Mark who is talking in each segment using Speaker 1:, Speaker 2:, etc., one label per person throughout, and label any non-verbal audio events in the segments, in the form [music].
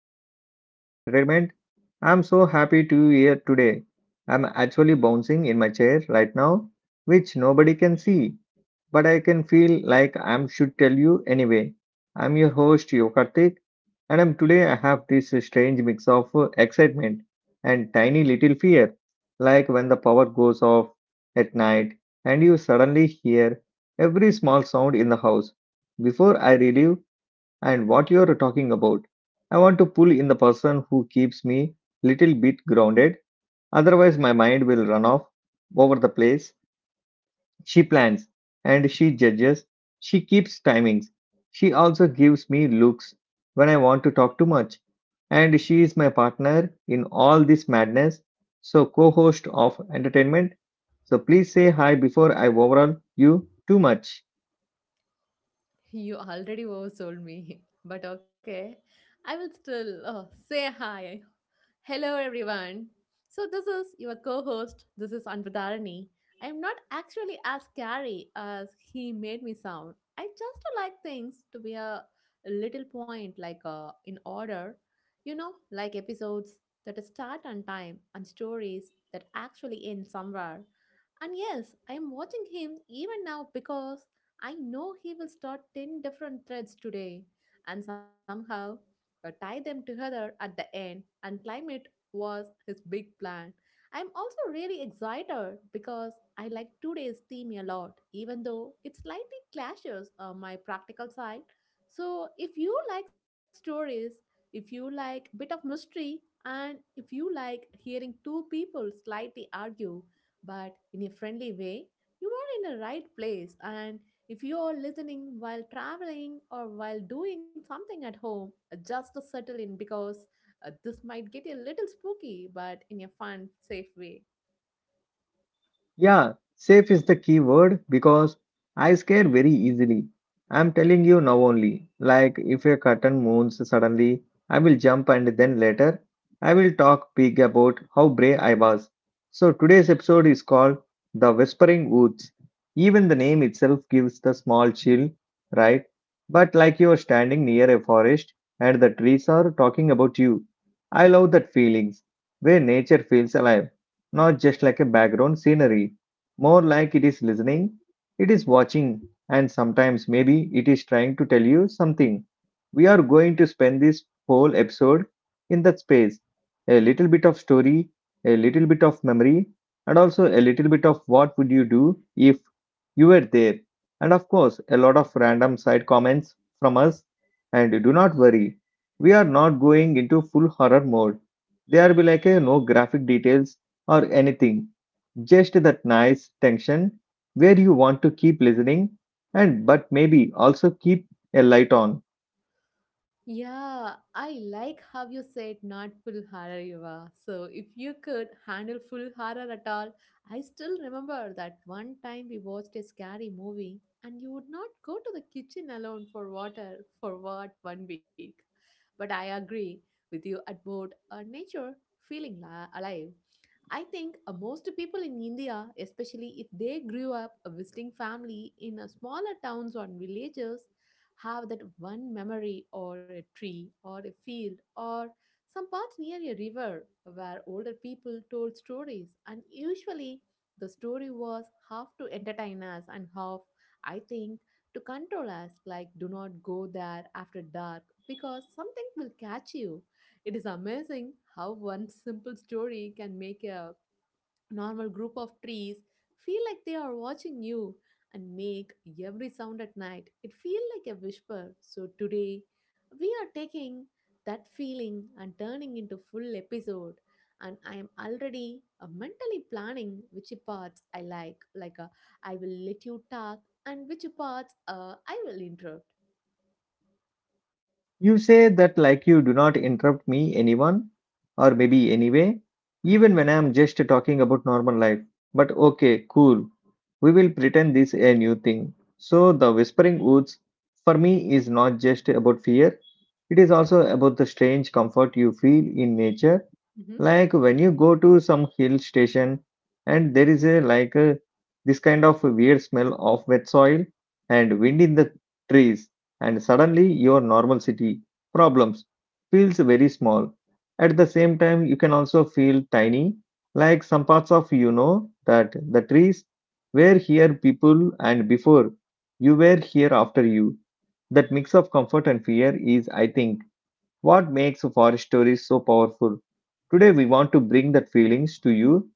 Speaker 1: to another episode of Entertainment. I'm so happy to be here today. I'm actually bouncing in my chair right now, which nobody can see, but I can feel like I should tell you anyway. I'm your host Yokartik, and I'm today I have this strange mix of excitement and tiny little fear, like when the power goes off at night and you suddenly hear every small sound in the house. Before I relive and what you're talking about, I want to pull in the person who keeps me little bit grounded, otherwise my mind will run off over the place. She plans and she judges. She keeps timings. She also gives me looks when I want to talk too much. And she is my partner in all this madness, so co-host of entertainment. So please say hi before I overrun you too much.
Speaker 2: You already oversold me, [laughs] but okay. I will still say hi. Hello, everyone. So, this is your co host. This is Anvadarani. I am not actually as scary as he made me sound. I just like things to be a little point, like in order, you know, like episodes that start on time and stories that actually end somewhere. And yes, I am watching him even now because I know he will start 10 different threads today and somehow tie them together at the end and climb it was his big plan. I'm also really excited because I like today's theme a lot even though it slightly clashes my practical side. So if you like stories, if you like bit of mystery and if you like hearing two people slightly argue but in a friendly way, you are in the right place, and if you are listening while traveling or while doing something at home, just to settle in because this might get a little spooky, but in a fun, safe way.
Speaker 1: Yeah, safe is the key word because I scare very easily. I'm telling you now only. Like if a curtain moves suddenly, I will jump and then later I will talk big about how brave I was. So today's episode is called The Whispering Woods. Even the name itself gives the small chill, right? But like you're standing near a forest and the trees are talking about you. I love that feelings where nature feels alive not just like a background scenery. More like it is listening, it is watching, and sometimes maybe it is trying to tell you something. We are going to spend this whole episode in that space a little bit of story, a little bit of memory, and also a little bit of what would you do if you were there. And of course, a lot of random side comments from us. And do not worry, we are not going into full horror mode. There will be like a no graphic details or anything. Just that nice tension where you want to keep listening and but maybe also keep a light on.
Speaker 2: Yeah, I like how you said not full horror, Eva. So if you could handle full horror at all, I still remember that one time we watched a scary movie and you would not go to the kitchen alone for water for what 1 week. But I agree with you about nature feeling alive. I think most people in India, especially if they grew up a visiting family in a smaller towns or villages, have that one memory or a tree or a field or some path near a river where older people told stories, and usually the story was half to entertain us and half I think to control us, like do not go there after dark because something will catch you. It is amazing how one [laughs] simple story can make a normal group of trees feel like they are watching you, and make every sound at night it feels like a whisper. So today we are taking that feeling and turning into full episode, and I am already mentally planning which parts I like I will let you talk, and which parts I will interrupt.
Speaker 1: You say that like you do not interrupt me, anyone, or maybe anyway, even when I am just talking about normal life. But okay, cool. We will pretend this a new thing. So the whispering woods for me is not just about fear. It is also about the strange comfort you feel in nature.
Speaker 2: Mm-hmm.
Speaker 1: Like when you go to some hill station and there is a this kind of weird smell of wet soil and wind in the trees and suddenly your normal city problems feels very small at the same time you can also feel tiny like some parts of that the trees were here people and before you were here after you that mix of comfort and fear is I think what makes a forest story so powerful? Today we want to bring that feelings to you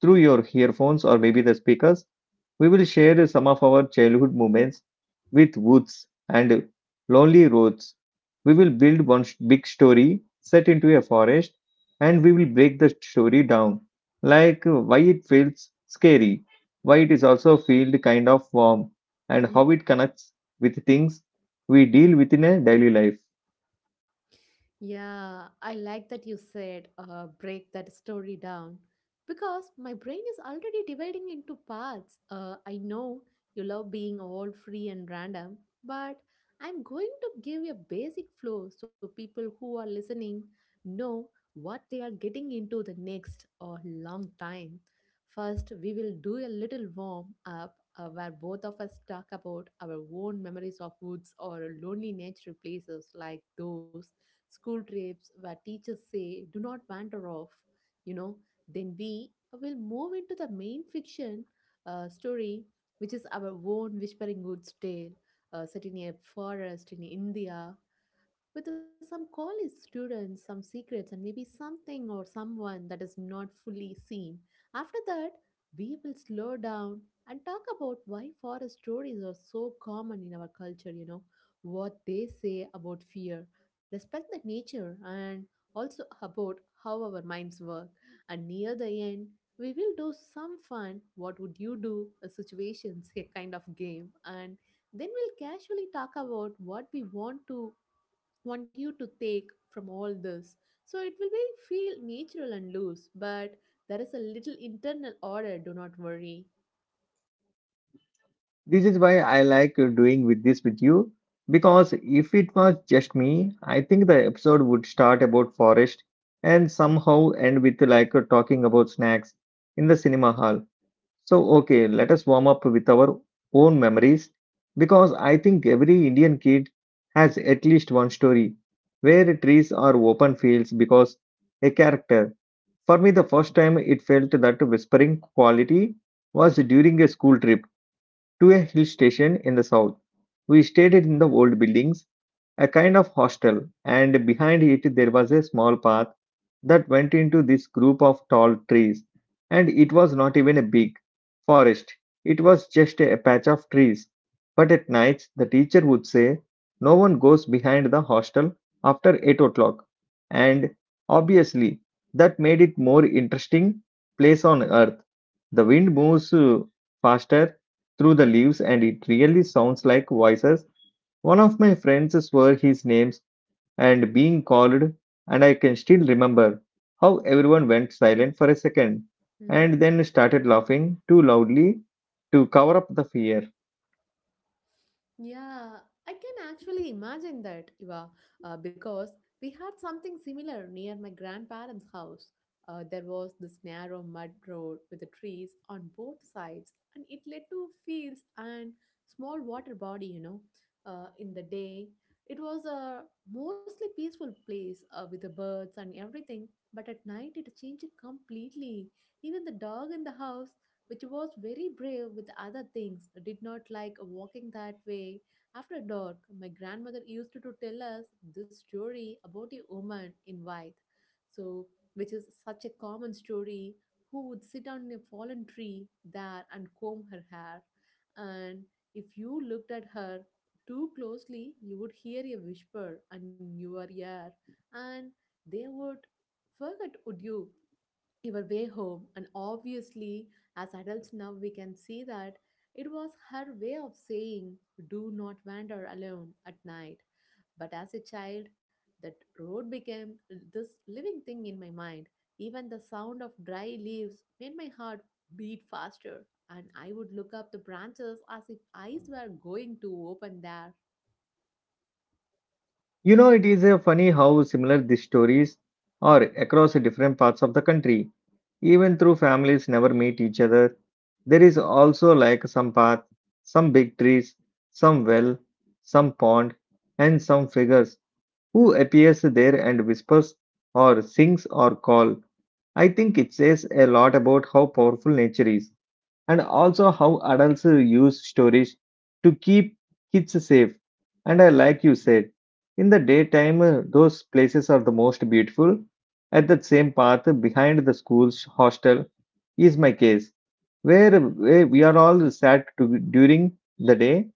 Speaker 1: through your earphones or maybe the speakers. We will share some of our childhood moments with woods and lonely roads. We will build big story set into a forest and we will break the story down. Like why it feels scary, why it is also feel kind of warm, and how
Speaker 2: Mm-hmm.
Speaker 1: it connects with things we deal with in a daily life.
Speaker 2: Yeah, I like that you said break that story down because my brain is already dividing into parts. I know you love being all free and random, but I'm going to give a basic flow so people who are listening know what they are getting into the next or long time. First, we will do a little warm up where both of us talk about our own memories of woods or lonely nature places, like those school trips where teachers say, do not wander off, you know, then we will move into the main fiction story, which is our own Whispering Woods tale, set in a forest in India with some college students, some secrets, and maybe something or someone that is not fully seen. After that, we will slow down and talk about why forest stories are so common in our culture, you know, what they say about fear, respect the nature, and also about how our minds work. And near the end, we will do some fun what would you do a situations a kind of game, and then we'll casually talk about what we want to want you to take from all this. So it will be feel natural and loose, but there is a little internal order, do not worry.
Speaker 1: This is why I like doing with this with you because if it was just me, I think the episode would start about forest and somehow end with like talking about snacks in the cinema hall. So okay, let us warm up with our own memories because I think every Indian kid has at least one story where trees are open fields because a character. For me, the first time it felt that whispering quality was during a school trip to a hill station in the south. We stayed in the old buildings, a kind of hostel, and behind it there was a small path that went into this group of tall trees. And it was not even a big forest, it was just a patch of trees. But at nights, the teacher would say, "No one goes behind the hostel after 8 o'clock." And obviously, that made it more interesting place on earth. The wind moves faster through the leaves, and it really sounds like voices. One of my friends swore his names and being called, and I can still remember how everyone went silent for a second
Speaker 2: Mhm.
Speaker 1: and then started laughing too loudly to cover up the fear.
Speaker 2: Yeah, I can actually imagine that, Iva, because we had something similar near my grandparents' house. There was this narrow mud road with the trees on both sides, and it led to fields and small water body, you know. In the day, it was a mostly peaceful place with the birds and everything, but at night it changed completely. Even the dog in the house, which was very brave with other things, did not like walking that way. After dark, my grandmother used to tell us this story about a woman in white. So, which is such a common story, who would sit on a fallen tree there and comb her hair. And if you looked at her too closely, you would hear a whisper and in your ear, and they would forget would you your way home. And obviously, as adults now, we can see that it was her way of saying, do not wander alone at night. But as a child, that road became this living thing in my mind. Even the sound of dry leaves made my heart beat faster, and I would look up the branches as if eyes were going to open there.
Speaker 1: You know, it is funny how similar these stories are across different parts of the country. Even though families never meet each other, there is also like some path, some big trees, some well, some pond, and some figures who appears there and whispers or sings or call. I think it says a lot about how powerful nature is and also how adults use stories to keep kids safe. And I like you said, in the daytime, those places are the most beautiful. At that same path behind the school's hostel is my case, where we are all sat to, during the day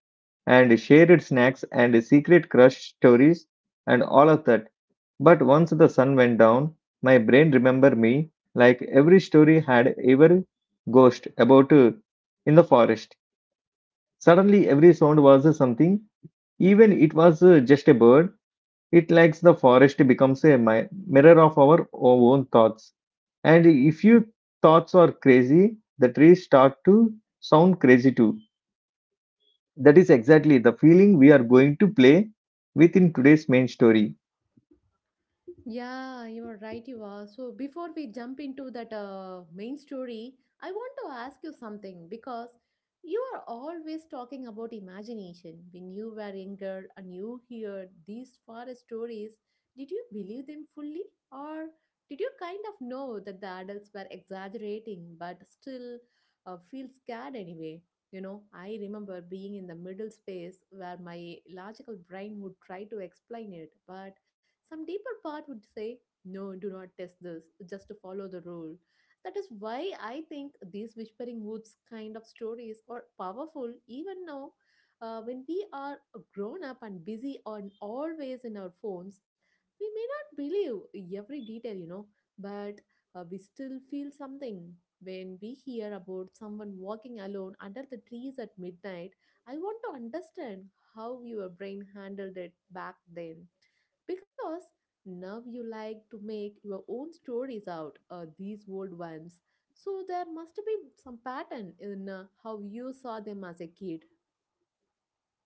Speaker 1: and shared snacks and secret crush stories and all of that but once the sun went down, my brain remembered me like every story had ever ghost about in the forest. Suddenly, every sound was something, even it was just a bird. It likes the forest becomes a mirror of our own thoughts. And if your thoughts are crazy, the trees start to sound crazy too. That is exactly the feeling we are going to play with in today's main story.
Speaker 2: Yeah, you're right, you are. So, before we jump into that main story, I want to ask you something because you are always talking about imagination. When you were younger and you hear these forest stories, did you believe them fully? Or did you kind of know that the adults were exaggerating but still feel scared anyway? You know, I remember being in the middle space where my logical brain would try to explain it, but some deeper part would say, no, do not test this, just to follow the rule. That is why I think these Whispering Woods kind of stories are powerful even now when we are grown up and busy on always in our phones. We may not believe every detail, you know, but we still feel something. When we hear about someone walking alone under the trees at midnight, I want to understand how your brain handled it back then because now you like to make your own stories out these old ones, so there must be some pattern in how you saw them as a kid.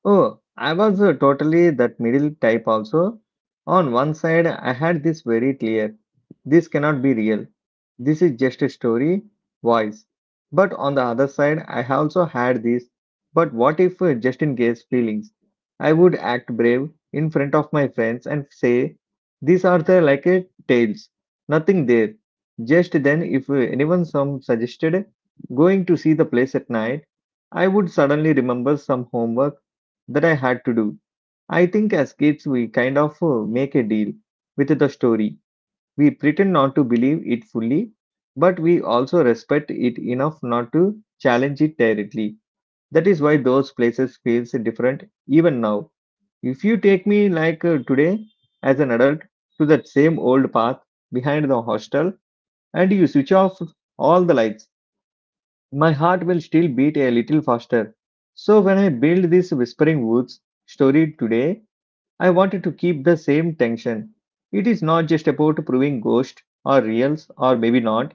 Speaker 1: Oh, I was totally that middle type also. On one side, I had this very clear, this cannot be real. This is just a story, voice. But on the other side, I also had this, but what if just in case feelings? I would act brave in front of my friends and say, these are the like a tales, nothing there. Just then, if anyone some suggested going to see the place at night, I would suddenly remember some homework that I had to do. I think as kids, we kind of make a deal with the story. We pretend not to believe it fully, but we also respect it enough not to challenge it directly. That is why those places feels different even now. If you take me like today as an adult to that same old path behind the hostel and you switch off all the lights, my heart will still beat a little faster. So when I build this Whispering Woods story today, I wanted to keep the same tension. It is not just about proving ghost or reals or maybe not.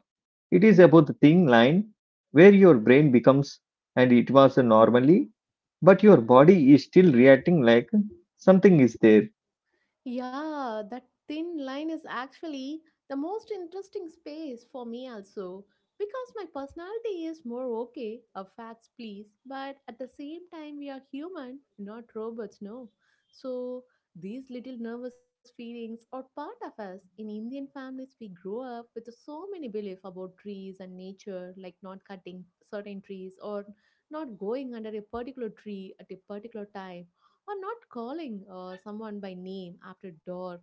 Speaker 1: It is about the thin line where your brain becomes and it was normally, but your body is still reacting like something is there.
Speaker 2: Yeah, that thin line is actually the most interesting space for me, also, because my personality is more okay, a facts please, but at the same time, we are human, not robots, no. So, these little nervous feelings are part of us. In Indian families, we grow up with so many beliefs about trees and nature, like not cutting certain trees, or not going under a particular tree at a particular time, or not calling someone by name after dark.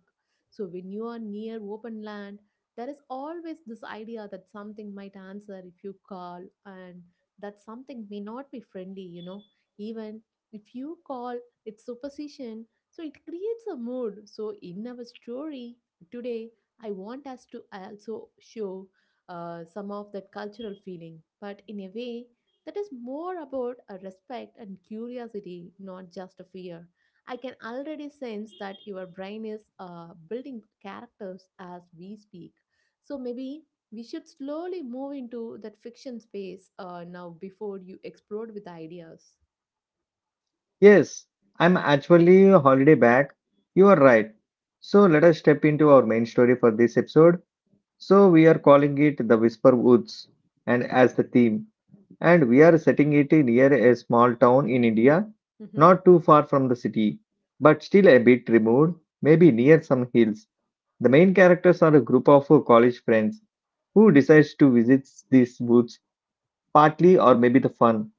Speaker 2: So when you are near open land, there is always this idea that something might answer if you call, and that something may not be friendly, you know. Even if you call, it's superstition. So it creates a mood. So in our story today, I want us to also show some of that cultural feeling, but in a way that is more about a respect and curiosity, not just a fear. I can already sense that your brain is building characters as we speak. So maybe we should slowly move into that fiction space now before you explode with ideas.
Speaker 1: Yes, I'm actually a holiday back. You are right. So let us step into our main story for this episode. So we are calling it the Whisper Woods and as the theme. And we are setting it near a small town in India,
Speaker 2: Mm-hmm.
Speaker 1: not too far from the city, but still a bit removed, maybe near some hills. The main characters are a group of college friends who decides to visit these woods partly or maybe the fun.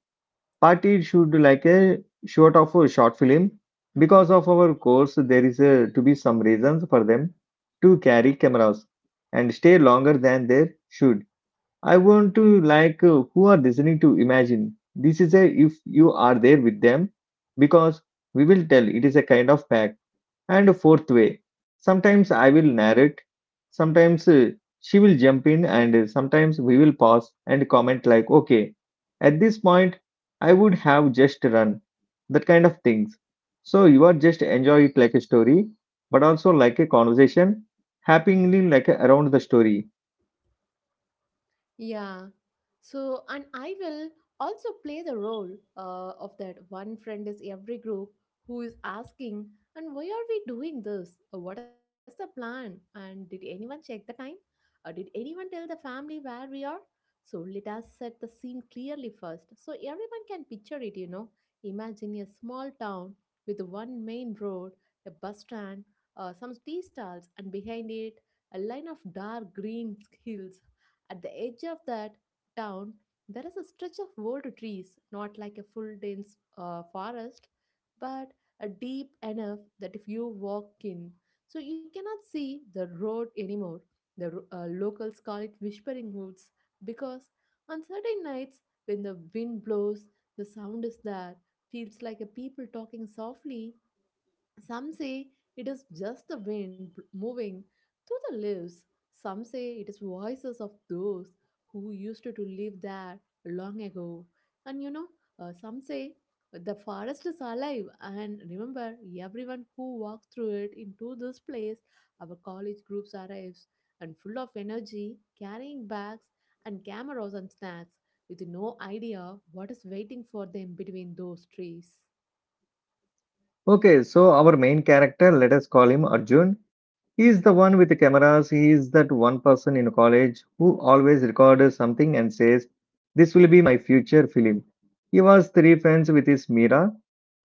Speaker 1: Partly it should like a short of a short film. Because of our course, there is a, to be some reasons for them to carry cameras and stay longer than they should. I want to like who are listening to imagine this is a if you are there with them because we will tell it is a kind of pack and a fourth way. Sometimes I will narrate, sometimes she will jump in, and sometimes we will pause and comment like, okay, at this point I would have just run that kind of things. So you are just enjoy it like a story, but also like a conversation happening like around the story.
Speaker 2: Yeah. So, and I will also play the role of that one friend is every group who is asking, and why are we doing this? What is the plan? And did anyone check the time? Or did anyone tell the family where we are? So, let us set the scene clearly first so everyone can picture it, you know. Imagine a small town with one main road, a bus stand, some tea stalls, and behind it, a line of dark green [laughs] hills at the edge of that town. There is a stretch of old trees, not like a full dense forest, but a deep enough that if you walk in, so you cannot see the road anymore. The locals call it Whispering Woods because on certain nights when the wind blows, the sound is there, feels like a people talking softly. Some say it is just the wind moving through the leaves. Some say it is voices of those who used to live there long ago. And you know, some say the forest is alive. And remember, everyone who walks through it into this place, our college groups arrives and full of energy, carrying bags and cameras and snacks, with no idea what is waiting for them between those trees.
Speaker 1: Okay, so our main character, let us call him Arjun. He is the one with the cameras. He is that one person in college who always records something and says, "This will be my future film." He was three friends with his Mira,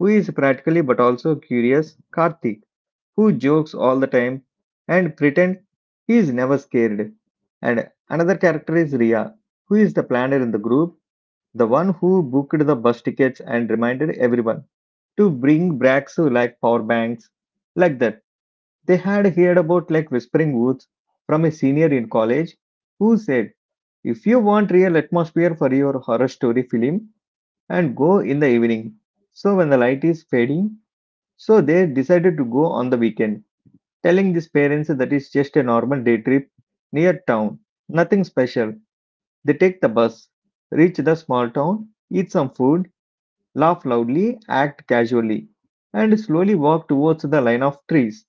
Speaker 1: who is practically but also curious, Karthik, who jokes all the time and pretend he is never scared. And another character is Ria, who is the planner in the group, the one who booked the bus tickets and reminded everyone to bring back so like power banks like that. They had heard about like Whispering Woods from a senior in college who said, if you want real atmosphere for your horror story film and go in the evening. So when the light is fading, so they decided to go on the weekend, telling these parents that it's just a normal day trip near town, nothing special. They take the bus, reach the small town, eat some food, laugh loudly, act casually, and slowly walk towards the line of trees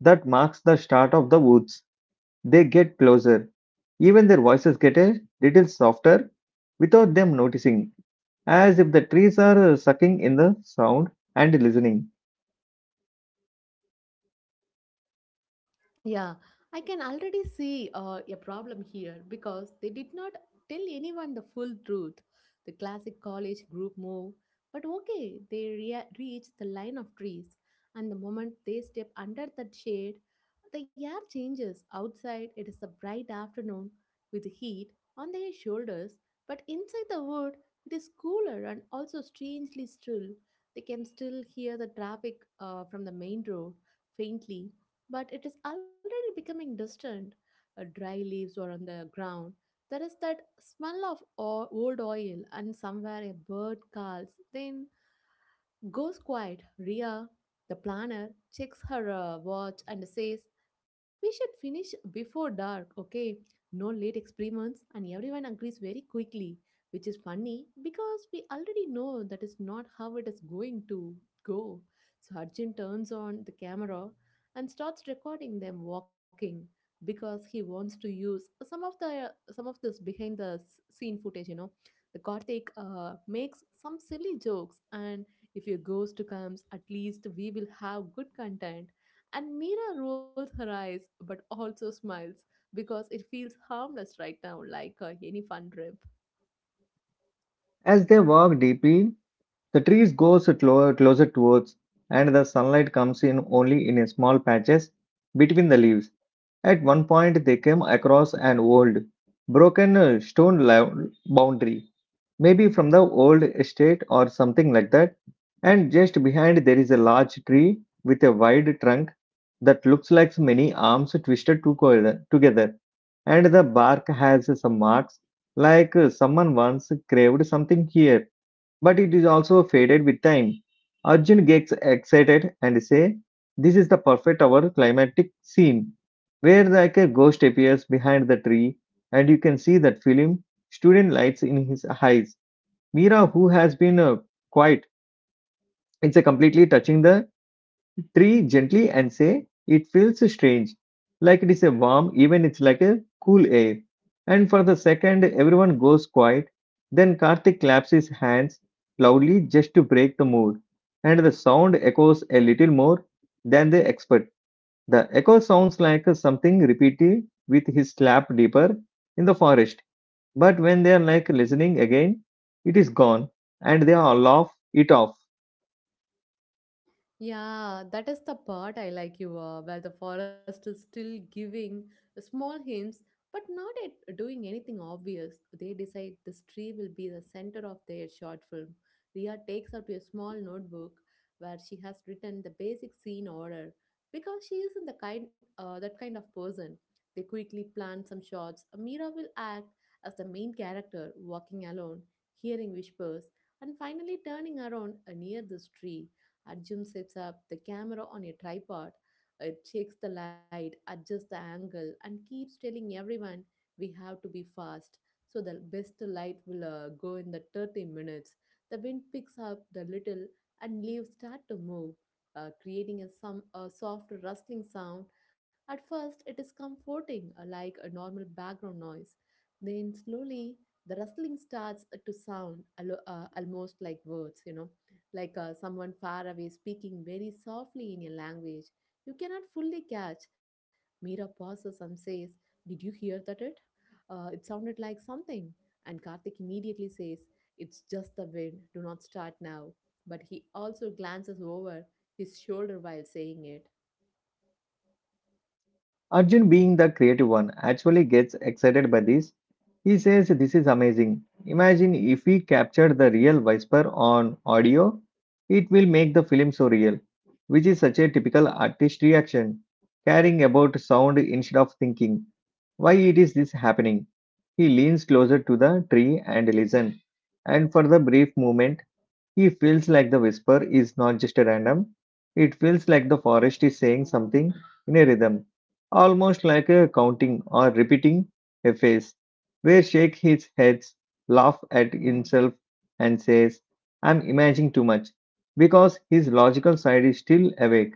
Speaker 1: that marks the start of the woods. They get closer. Even their voices get a little softer without them noticing, as if the trees are sucking in the sound and listening.
Speaker 2: Yeah, I can already see a problem here because they did not tell anyone the full truth. The classic college group move, but okay, they reach the line of trees, and the moment they step under that shade, the air changes. Outside, it is a bright afternoon with heat on their shoulders, but inside the wood, it is cooler and also strangely still. They can still hear the traffic from the main road faintly, but it is already becoming distant. Dry leaves were on the ground. There is that smell of old oil, and somewhere a bird calls. Then goes quiet. Ria, the planner, checks her watch and says, "We should finish before dark, okay? No late experiments," and everyone agrees very quickly, which is funny because we already know that is not how it is going to go. So Arjun turns on the camera and starts recording them walking because he wants to use some of this behind the scene footage. The Karthik makes some silly jokes and, "If your ghost comes, at least we will have good content." And Mira rolls her eyes but also smiles because it feels harmless right now, like any fun trip.
Speaker 1: As they walk deeply, the trees goes closer towards, and the sunlight comes in only in a small patches between the leaves. At one point, they came across an old, broken stone boundary, maybe from the old estate or something like that. And just behind, there is a large tree with a wide trunk that looks like many arms twisted to together. And the bark has some marks, like someone once craved something here, but it is also faded with time. Arjun gets excited and say, "This is the perfect our climatic scene, where like a ghost appears behind the tree, and you can see that film student lights in his eyes." Mira, who has been quiet, it's a completely touching the tree gently and say, "It feels strange, like it is a warm, even it's like a cool air." And for the second, everyone goes quiet. Then Karthik claps his hands loudly just to break the mood. And the sound echoes a little more than the expert. The echo sounds like something repeated with his slap deeper in the forest. But when they are like listening again, it is gone, and they all laugh it off.
Speaker 2: Yeah, that is the part I like you are, where the forest is still giving small hints, but not at doing anything obvious. They decide this tree will be the center of their short film. Ria takes out a small notebook where she has written the basic scene order because she isn't the kind of person. They quickly plan some shots. Mira will act as the main character, walking alone, hearing whispers, and finally turning around near this tree. Arjun sets up the camera on a tripod, it checks the light, adjusts the angle, and keeps telling everyone we have to be fast. So the best light will go in the 30 minutes. The wind picks up the little and leaves start to move, creating a soft rustling sound. At first, it is comforting, like a normal background noise. Then slowly, the rustling starts to sound almost like words, like someone far away speaking very softly in a language you cannot fully catch. Mira pauses and says, "Did you hear that it? It sounded like something." And Karthik immediately says, "It's just the wind, do not start now." But he also glances over his shoulder while saying it.
Speaker 1: Arjun, being the creative one, actually gets excited by this. He says, "This is amazing. Imagine if we capture the real whisper on audio, it will make the film so real," which is such a typical artist reaction, caring about sound instead of thinking, "Why it is this happening?" He leans closer to the tree and listen. And for the brief moment, he feels like the whisper is not just random, it feels like the forest is saying something in a rhythm, almost like a counting or repeating a phrase, where shake his head, laugh at himself, and says, "I'm imagining too much," because his logical side is still awake.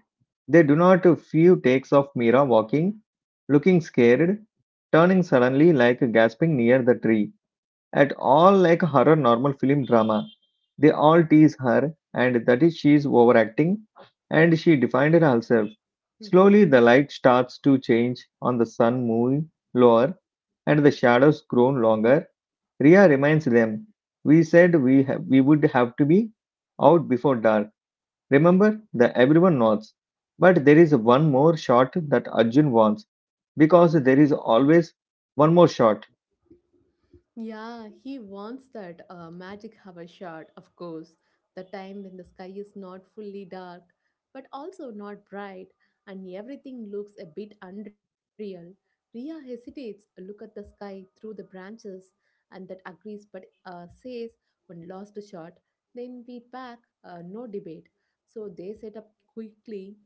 Speaker 1: They do not a few takes of Mira walking, looking scared, turning suddenly like gasping near the tree at all like horror normal film drama. They all tease her and that is she is overacting, and she defined herself.
Speaker 2: Mm-hmm.
Speaker 1: Slowly the light starts to change on the sun moving lower and the shadows grown longer. Ria reminds them, "We said we have, we would have to be out before dark. Remember?" The everyone nods. But there is one more shot that Arjun wants, because there is always one more shot.
Speaker 2: Yeah, he wants that magic hour shot, of course, the time when the sky is not fully dark, but also not bright, and everything looks a bit unreal. Ria hesitates, look at the sky through the branches, and that agrees, but says one lost shot. Then we pack, no debate. So they set up quickly.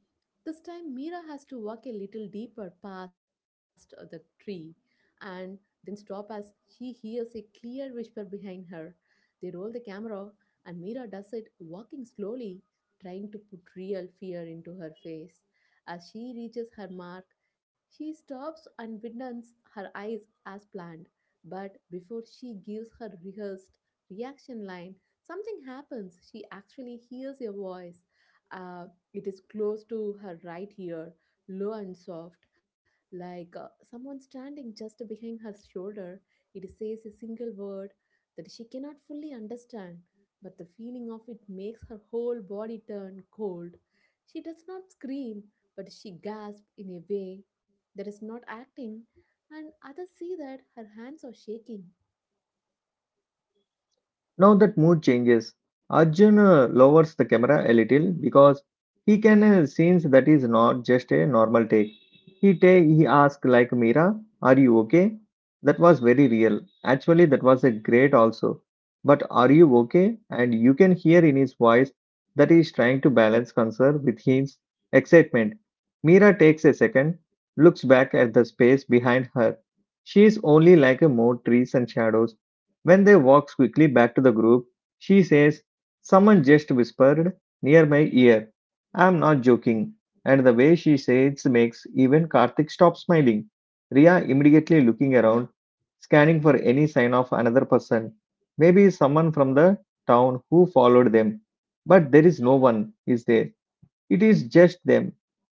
Speaker 2: This time, Mira has to walk a little deeper past the tree, and then stop as she hears a clear whisper behind her. They roll the camera, and Mira does it, walking slowly, trying to put real fear into her face. As she reaches her mark, she stops and widens her eyes as planned. But before she gives her rehearsed reaction line, something happens. She actually hears a voice. Uh, it is close to her right ear, low and soft like someone standing just behind her shoulder. It says a single word that she cannot fully understand, but the feeling of it makes her whole body turn cold. She does not scream, but she gasps in a way that is not acting, and others see that her hands are shaking.
Speaker 1: Now that mood changes. Arjun lowers the camera a little because he can sense that is not just a normal take. He asks like, "Mira, are you okay? That was very real. Actually, that was a great also. But are you okay?" And you can hear in his voice that he is trying to balance concern with his excitement. Mira takes a second, looks back at the space behind her. She is only like a more trees and shadows. When they walks quickly back to the group, she says, "Someone just whispered near my ear. I'm not joking." And the way she says makes even Karthik stop smiling. Ria immediately looking around, scanning for any sign of another person. Maybe someone from the town who followed them. But there is no one, is there? It is just them.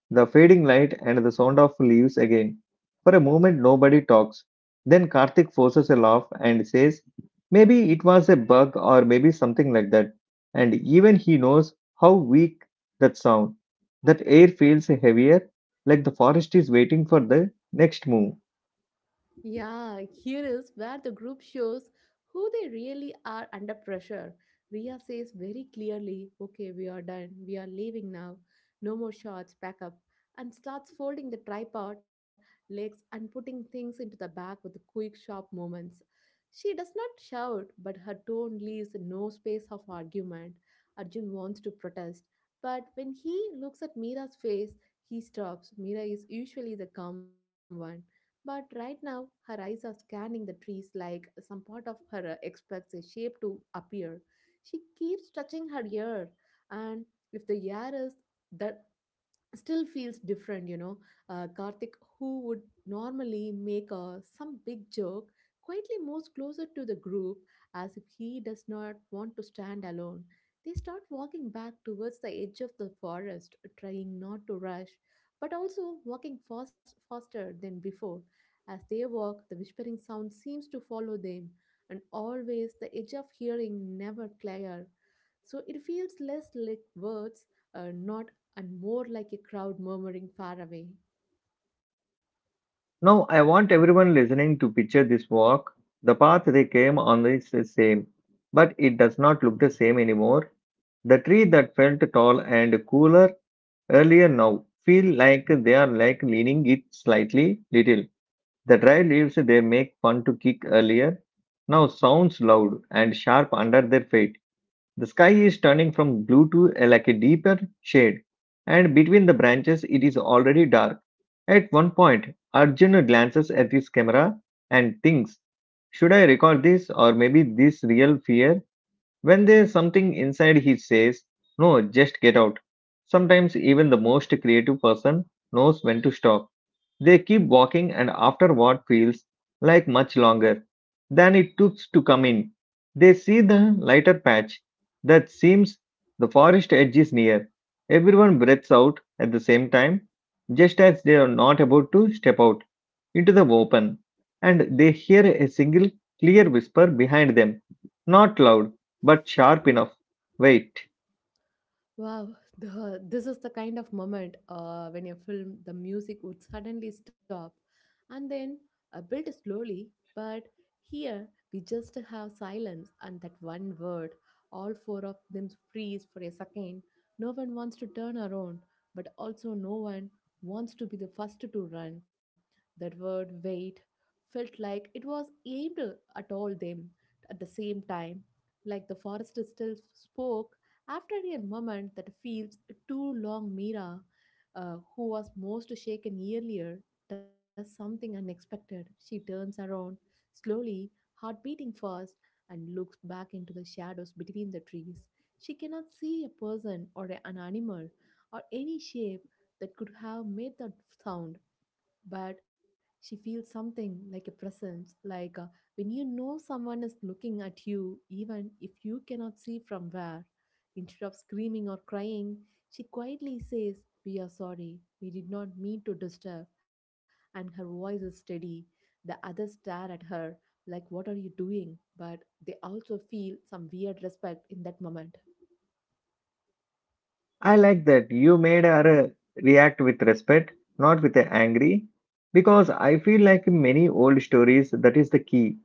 Speaker 1: The fading light and the sound of leaves again. For a moment, nobody talks. Then Karthik forces a laugh and says, "Maybe it was a bug, or maybe something like that." And even he knows how weak that sound. That air feels heavier, like the forest is waiting for the next move.
Speaker 2: Yeah, here is where the group shows who they really are under pressure. Ria says very clearly, "Okay, we are done. We are leaving now. No more shots, pack up." And starts folding the tripod, legs, and putting things into the bag with quick, sharp movements. She does not shout, but her tone leaves no space of argument. Arjun wants to protest, but when he looks at Mira's face, he stops. Mira is usually the calm one. But right now, her eyes are scanning the trees like some part of her expects a shape to appear. She keeps touching her ear, and if the ear is that still feels different, you know. Karthik, who would normally make a, some big joke, quietly moves closer to the group as if he does not want to stand alone. They start walking back towards the edge of the forest, trying not to rush, but also walking fast, faster than before. As they walk, the whispering sound seems to follow them, and always the edge of hearing never clear. So it feels less like words, not and more like a crowd murmuring far away.
Speaker 1: Now, I want everyone listening to picture this walk. The path they came on is the same, but it does not look the same anymore. The tree that felt tall and cooler earlier now feel like they are like leaning it slightly little. The dry leaves they make fun to kick earlier now sounds loud and sharp under their feet. The sky is turning from blue to a, like a deeper shade, and between the branches it is already dark. At one point, Arjun glances at his camera and thinks, "Should I record this, or maybe this real fear?" When there's something inside, he says, "No, just get out." Sometimes even the most creative person knows when to stop. They keep walking, and after what feels like much longer than it took to come in, they see the lighter patch that seems the forest edge is near. Everyone breathes out at the same time, just as they are not about to step out into the open, and they hear a single clear whisper behind them, not loud but sharp enough. "Wait."
Speaker 2: Wow, this is the kind of moment when a film, the music would suddenly stop and then build slowly. But here we just have silence and that one word. All four of them freeze for a second. No one wants to turn around, but also no one wants to be the first to run. That word wait felt like it was aimed at all them at the same time. Like the forest still spoke after a moment that feels too long, Mira, who was most shaken earlier, does something unexpected. She turns around slowly, heart beating fast, and looks back into the shadows between the trees. She cannot see a person or an animal or any shape that could have made that sound, but she feels something like a presence, like when you know someone is looking at you, even if you cannot see from where. Instead of screaming or crying, she quietly says, "We are sorry, we did not mean to disturb," and her voice is steady. The others stare at her, like, "What are you doing?" But they also feel some weird respect in that moment.
Speaker 1: I like that you made her react with respect, not with angry, because I feel like in many old stories that is the key.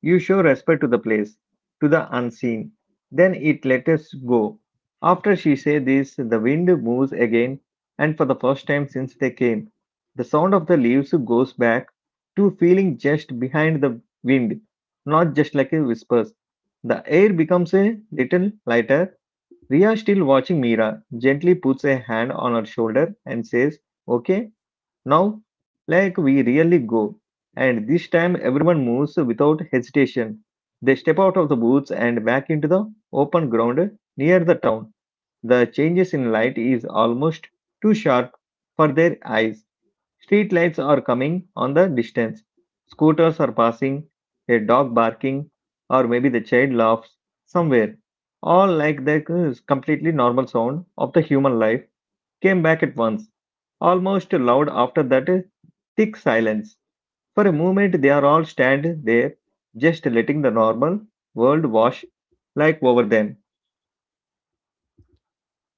Speaker 1: You show respect to the place, to the unseen. Then it let us go. After she said this, the wind moves again, and for the first time since they came, the sound of the leaves goes back to feeling just behind the wind, not just like a whispers. The air becomes a little lighter. Ria, still watching Meera, gently puts a hand on her shoulder and says, "Okay, now, like we really go." And this time everyone moves without hesitation. They step out of the woods and back into the open ground near the town. The changes in light is almost too sharp for their eyes. Street lights are coming on the distance. Scooters are passing, a dog barking, or maybe the child laughs somewhere. All like the completely normal sound of the human life came back at once, almost loud after that thick silence. For a moment, they are all stand there, just letting the normal world wash like over them.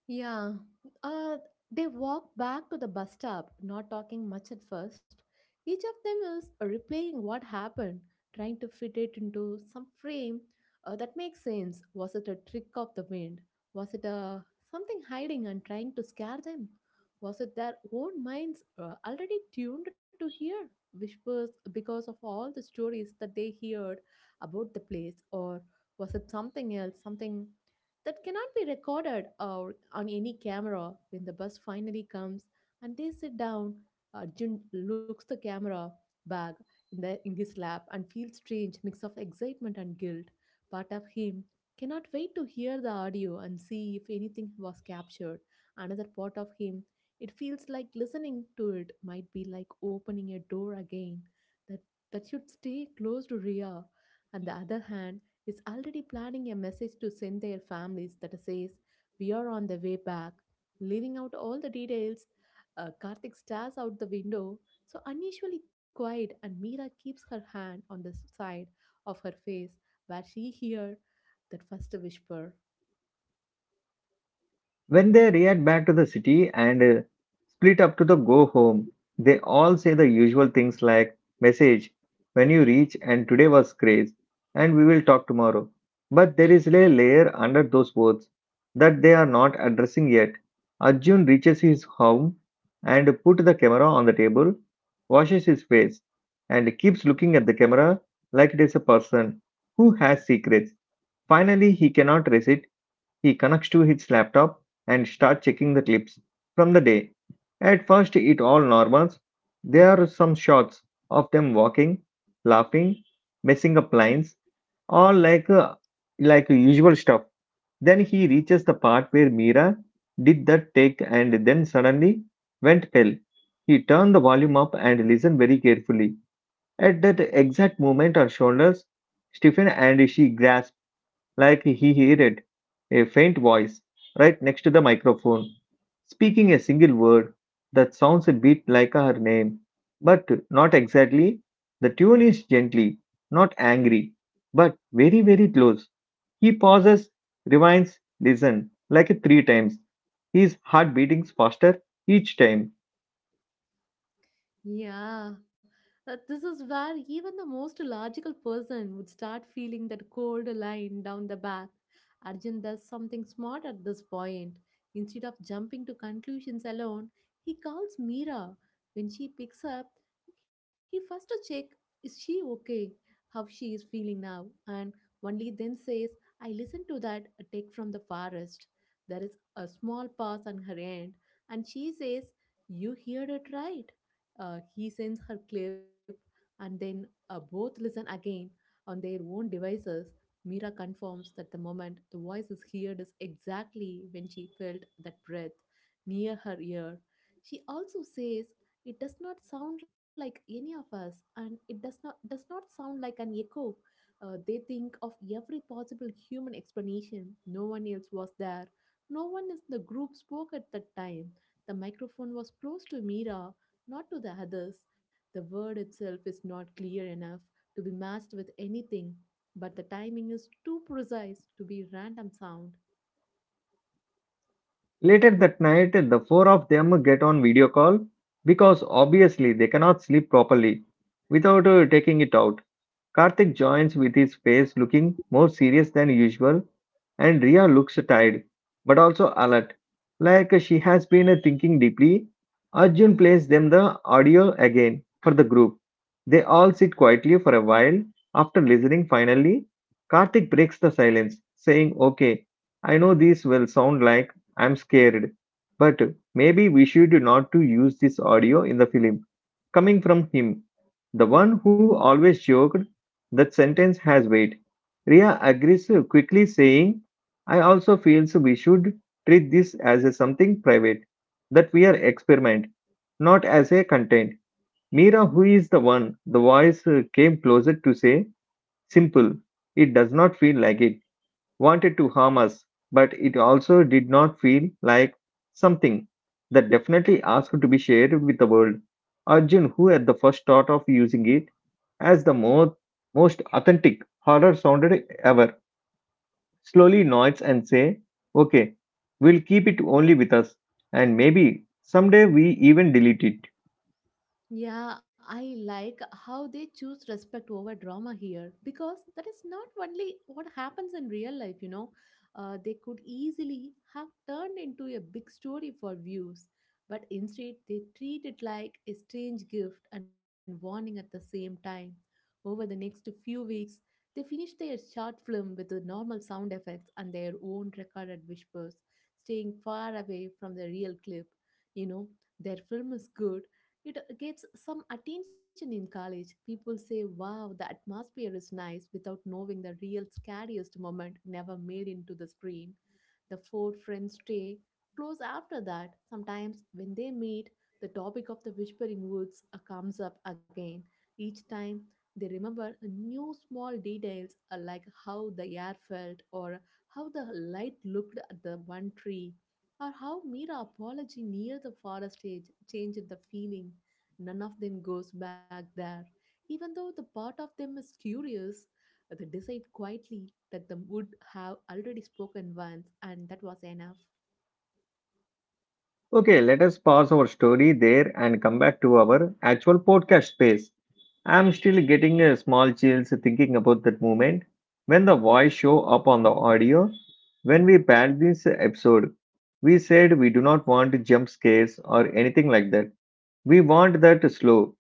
Speaker 2: Yeah. Uh, they walk back to the bus stop, not talking much at first. Each of them is replaying what happened, trying to fit it into some frame that makes sense. Was it a trick of the wind? Was it a something hiding and trying to scare them? Was it their own minds already tuned to hear whispers because of all the stories that they heard about the place, or was it something else? Something that cannot be recorded or on any camera when the bus finally comes and they sit down, Arjun looks the camera bag in, in his lap and feels strange mix of excitement and guilt, part of him cannot wait to hear the audio and see if anything was captured, another part of him it feels like listening to it might be like opening a door again that that should stay close to Ria on the other hand is already planning a message to send their families that says, "We are on the way back," leaving out all the details. Karthik stares out the window, so unusually quiet, and Meera keeps her hand on the side of her face where she hears that first whisper.
Speaker 1: When they react back to the city and split up to the go home, they all say the usual things like, "Message when you reach," and, "Today was craze," and, "We will talk tomorrow." But there is a layer under those words that they are not addressing yet. Arjun reaches his home and put the camera on the table, washes his face and keeps looking at the camera like it is a person who has secrets. Finally, he cannot resist. He connects to his laptop and starts checking the clips from the day. At first it all normal. There are some shots of them walking, laughing, messing up lines, all like usual stuff. Then he reaches the part where Mira did that take and then suddenly went pale. He turned the volume up and listened very carefully. At that exact moment, her shoulders stiffened and she grasped like he heard a faint voice right next to the microphone, speaking a single word that sounds a bit like her name, but not exactly. The tune is gently, not angry, but very, very close. He pauses, rewinds, listens like three times. His heart beatings faster each time.
Speaker 2: Yeah, this is where even the most logical person would start feeling that cold line down the back. Arjun does something smart at this point. Instead of jumping to conclusions alone, he calls Mira. When she picks up, he first checks is she okay, how she is feeling now, and only then says, "I listened to that take from the forest." There is a small pause on her end, and she says, "You heard it right." He sends her clip and then both listen again on their own devices. Mira confirms that the moment the voice is heard is exactly when she felt that breath near her ear. She also says it does not sound like any of us and it does not sound like an echo. They think of every possible human explanation. No one else was there. No one in the group spoke at that time. The microphone was close to Mira, not to the others. The word itself is not clear enough to be matched with anything, but the timing is too precise to be random sound.
Speaker 1: Later that night, the four of them get on video call because obviously they cannot sleep properly without taking it out. Karthik joins with his face looking more serious than usual, and Ria looks tired but also alert, like she has been thinking deeply. Arjun plays them the audio again for the group. They all sit quietly for a while. After listening, finally, Karthik breaks the silence, saying, "Okay, I know this will sound like I'm scared, but maybe we should not to use this audio in the film," coming from him, the one who always joked that sentence has weight. Ria agrees quickly, saying, "I also feel we should treat this as a something private, that we are experiment, not as a content." Mira, who is the one, the voice came closer to say, simple, "It does not feel like it wanted to harm us, but it also did not feel like something that definitely asked to be shared with the world." Arjun, who at the first thought of using it as the most authentic horror sounded ever, slowly nods and say, "Okay, we'll keep it only with us, and maybe someday we even delete it."
Speaker 2: Yeah, I like how they choose respect over drama here because that is not only what happens in real life. They could easily have turned into a big story for views, but instead they treat it like a strange gift and warning at the same time. Over the next few weeks, they finished their short film with the normal sound effects and their own recorded whispers, staying far away from the real clip. You know, their film is good, it gets some attention in college. People say, wow, the atmosphere is nice without knowing the real scariest moment never made into the screen. The four friends stay close after that. Sometimes, when they meet, the topic of the Whispering Woods comes up again. Each time, they remember new small details like how the air felt or how the light looked at the one tree or how Mira apology near the forest edge changed the feeling. None of them goes back there, even though the part of them is curious. They decide quietly that the would have already spoken once, and that was enough.
Speaker 1: Okay, let us pause our story there and come back to our actual podcast space. I'm still getting a small chills thinking about that moment when the voice show up on the audio. When we planned this episode, we said we do not want jump scares or anything like that. We want that slow,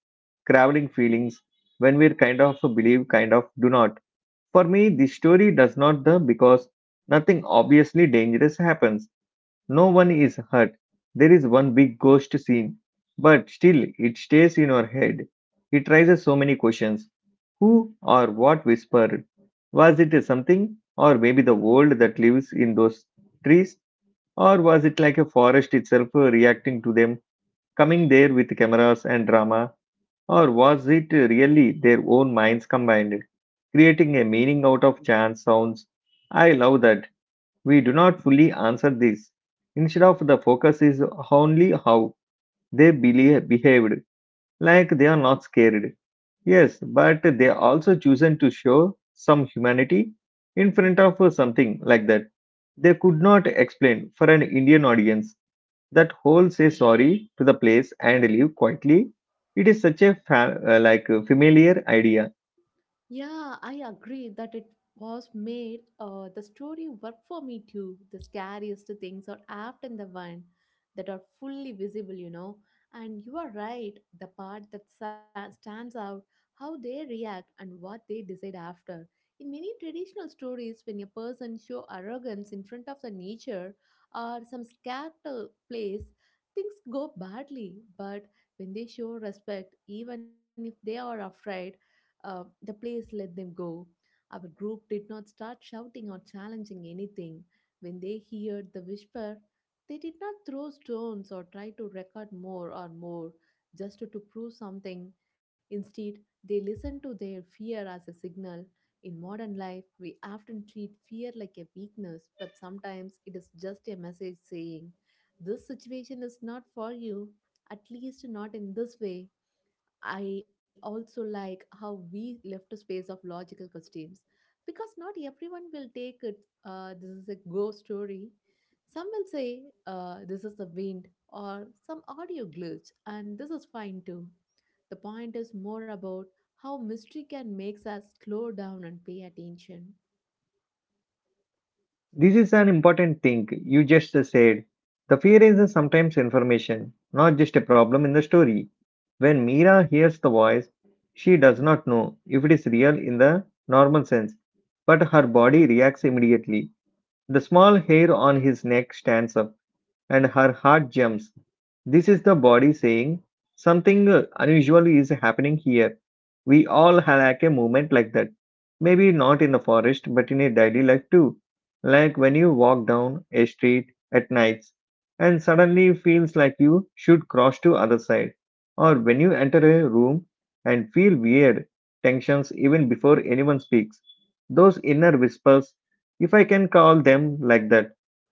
Speaker 1: crawling feelings when we're kind of believe, kind of do not. For me, this story does not the because nothing obviously dangerous happens, no one is hurt. There is one big ghost scene, but still it stays in our head. It raises so many questions. Who or what whispered? Was it something, or maybe the world that lives in those trees, or was it like a forest itself reacting to them, coming there with cameras and drama, or was it really their own minds combined, creating a meaning out of chance sounds? I love that we do not fully answer this. Instead of the focus is only how they believe, behaved, like they are not scared. Yes, but they also chosen to show some humanity in front of something like that. They could not explain for an Indian audience that whole say sorry to the place and leave quietly. It is such a like a familiar idea.
Speaker 2: Yeah, I agree that it was made the story work for me too. The scariest things are often the one that are fully visible, you know. And you are right, the part that stands out, how they react and what they decide after. In many traditional stories, when a person show arrogance in front of the nature or some scared place, things go badly. But when they show respect, even if they are afraid, the place let them go. Our group did not start shouting or challenging anything. When they heard the whisper, they did not throw stones or try to record more or more just to prove something. Instead, they listened to their fear as a signal. In modern life, we often treat fear like a weakness, but sometimes it is just a message saying, This situation is not for you, at least not in this way. I also like how we left a space of logical questions because not everyone will take it. This is a ghost story. Some will say this is the wind or some audio glitch, and this is fine too. The point is more about how mystery can make us slow down and pay attention.
Speaker 1: This is an important thing you just said. The fear is sometimes information, not just a problem in the story. When Mira hears the voice, she does not know if it is real in the normal sense, but her body reacts immediately. The small hair on his neck stands up and her heart jumps. This is the body saying, something unusual is happening here. We all have like a movement like that. Maybe not in the forest, but in a daily life too. Like when you walk down a street at nights and suddenly feels like you should cross to other side. Or when you enter a room and feel weird tensions even before anyone speaks. Those inner whispers, if I can call them like that,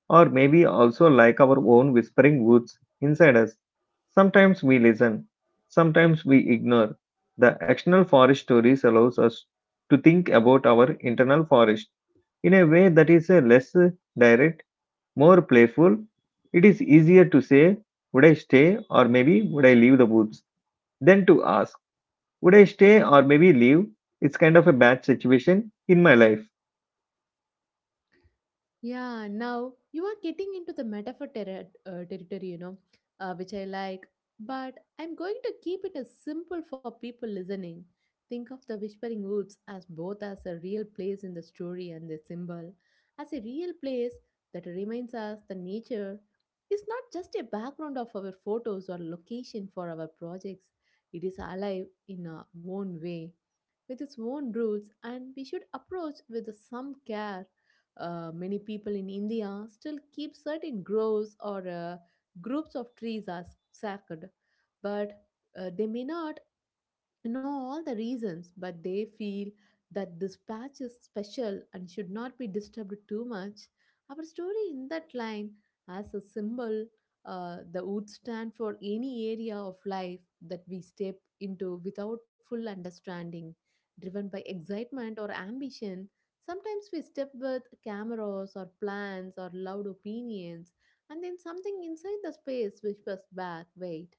Speaker 1: or maybe also like our own whispering woods inside us. Sometimes we listen, sometimes we ignore. The external forest stories allows us to think about our internal forest in a way that is less direct, more playful. It is easier to say, would I stay or maybe would I leave the woods? Than to ask, would I stay or maybe leave? It's kind of a bad situation in my life.
Speaker 2: Yeah, now you are getting into the metaphor territory, which I like. But I'm going to keep it as simple for people listening. Think of the Whispering Woods as both as a real place in the story and the symbol, as a real place that reminds us that nature is not just a background of our photos or location for our projects. It is alive in our own way with its own rules and we should approach with some care. Many people in India still keep certain groves or groups of trees as sacred, but they may not know all the reasons, but they feel that this patch is special and should not be disturbed too much. Our story in that line, as a symbol, that would stand for any area of life that we step into without full understanding, driven by excitement or ambition. Sometimes we step with cameras or plans or loud opinions, and then something inside the space whispers back, wait.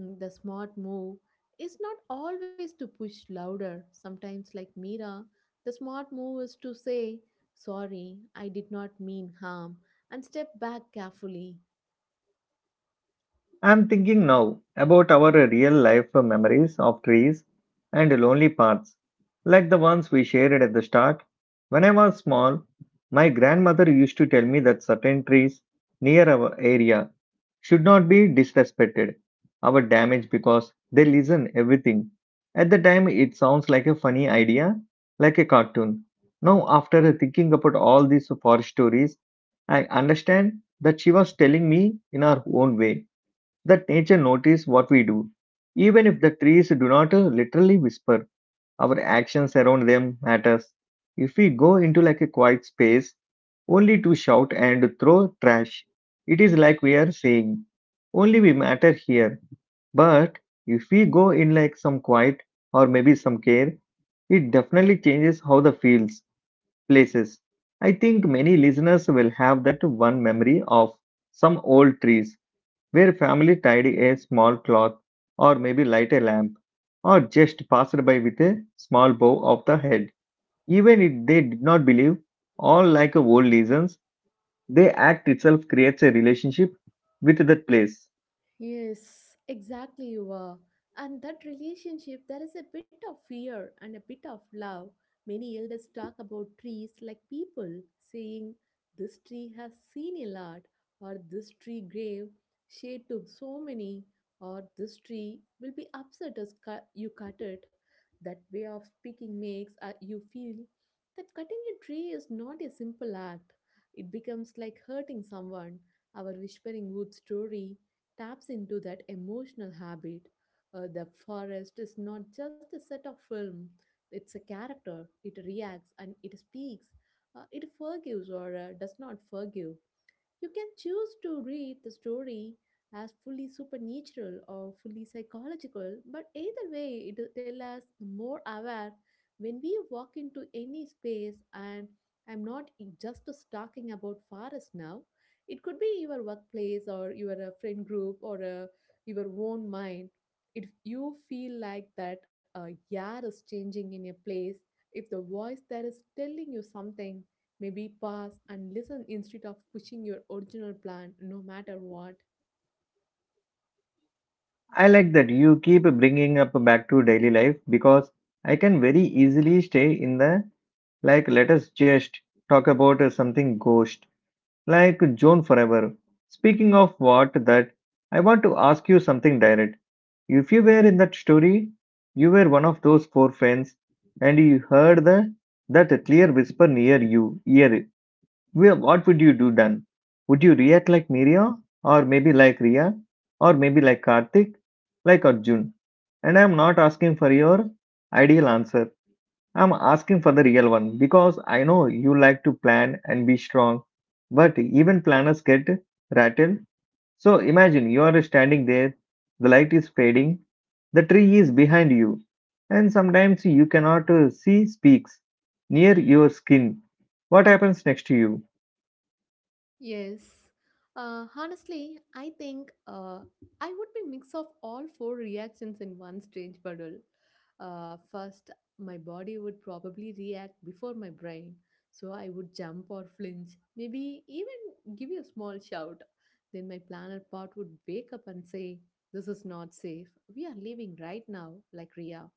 Speaker 2: The smart move is not always to push louder. Sometimes, like Mira, the smart move is to say, Sorry, I did not mean harm, and step back carefully.
Speaker 1: I'm thinking now about our real life memories of trees and lonely paths, like the ones we shared at the start. When I was small, my grandmother used to tell me that certain trees near our area should not be disrespected or damaged because they listen everything. At the time, it sounds like a funny idea, like a cartoon. Now, after thinking about all these forest stories, I understand that she was telling me in her own way that nature notices what we do. Even if the trees do not literally whisper, our actions around them matters. If we go into like a quiet space only to shout and throw trash, it is like we are saying, only we matter here. But if we go in like some quiet or maybe some care, it definitely changes how the feels, places. I think many listeners will have that one memory of some old trees where family tidy a small cloth or maybe light a lamp or just passed by with a small bow of the head. Even if they did not believe, all like old legends, the act itself creates a relationship with that place.
Speaker 2: Yes, exactly you are. And that relationship, there is a bit of fear and a bit of love. Many elders talk about trees like people, saying, This tree has seen a lot, or this tree gave shade to so many, or this tree will be upset as you cut it. That way of speaking makes you feel that cutting a tree is not a simple act. It becomes like hurting someone. Our whispering wood story taps into that emotional habit. The forest is not just a set of film, it's a character. It reacts and it speaks. It forgives or does not forgive. You can choose to read the story as fully supernatural or fully psychological, but either way, it will tell us the more aware when we walk into any space. And I'm not just talking about forest now. It could be your workplace or your friend group or your own mind. If you feel like that a year is changing in a place, if the voice there is telling you something, Maybe pause and listen instead of pushing your original plan no matter what.
Speaker 1: I like that you keep bringing up back to daily life because I can very easily stay in the like let us just talk about something ghost like Joan forever. Speaking of what that, I want to ask you something direct. If you were in that story, you were one of those four friends, and you heard that clear whisper near you ear. Well, what would you do then? Would you react like Miria, or maybe like Ria, or maybe like Karthik, like Arjun? And I'm not asking for your ideal answer. I'm asking for the real one because I know you like to plan and be strong, but even planners get rattled. So imagine you are standing there, the light is fading, the tree is behind you, and sometimes you cannot see speaks near your skin. What happens next to you?
Speaker 2: Yes. Honestly, I think I would be mix of all four reactions in one strange bundle. First, my body would probably react before my brain, so I would jump or flinch, maybe even give you a small shout. Then my planner part would wake up and say, "This is not safe. We are leaving right now," like Ria.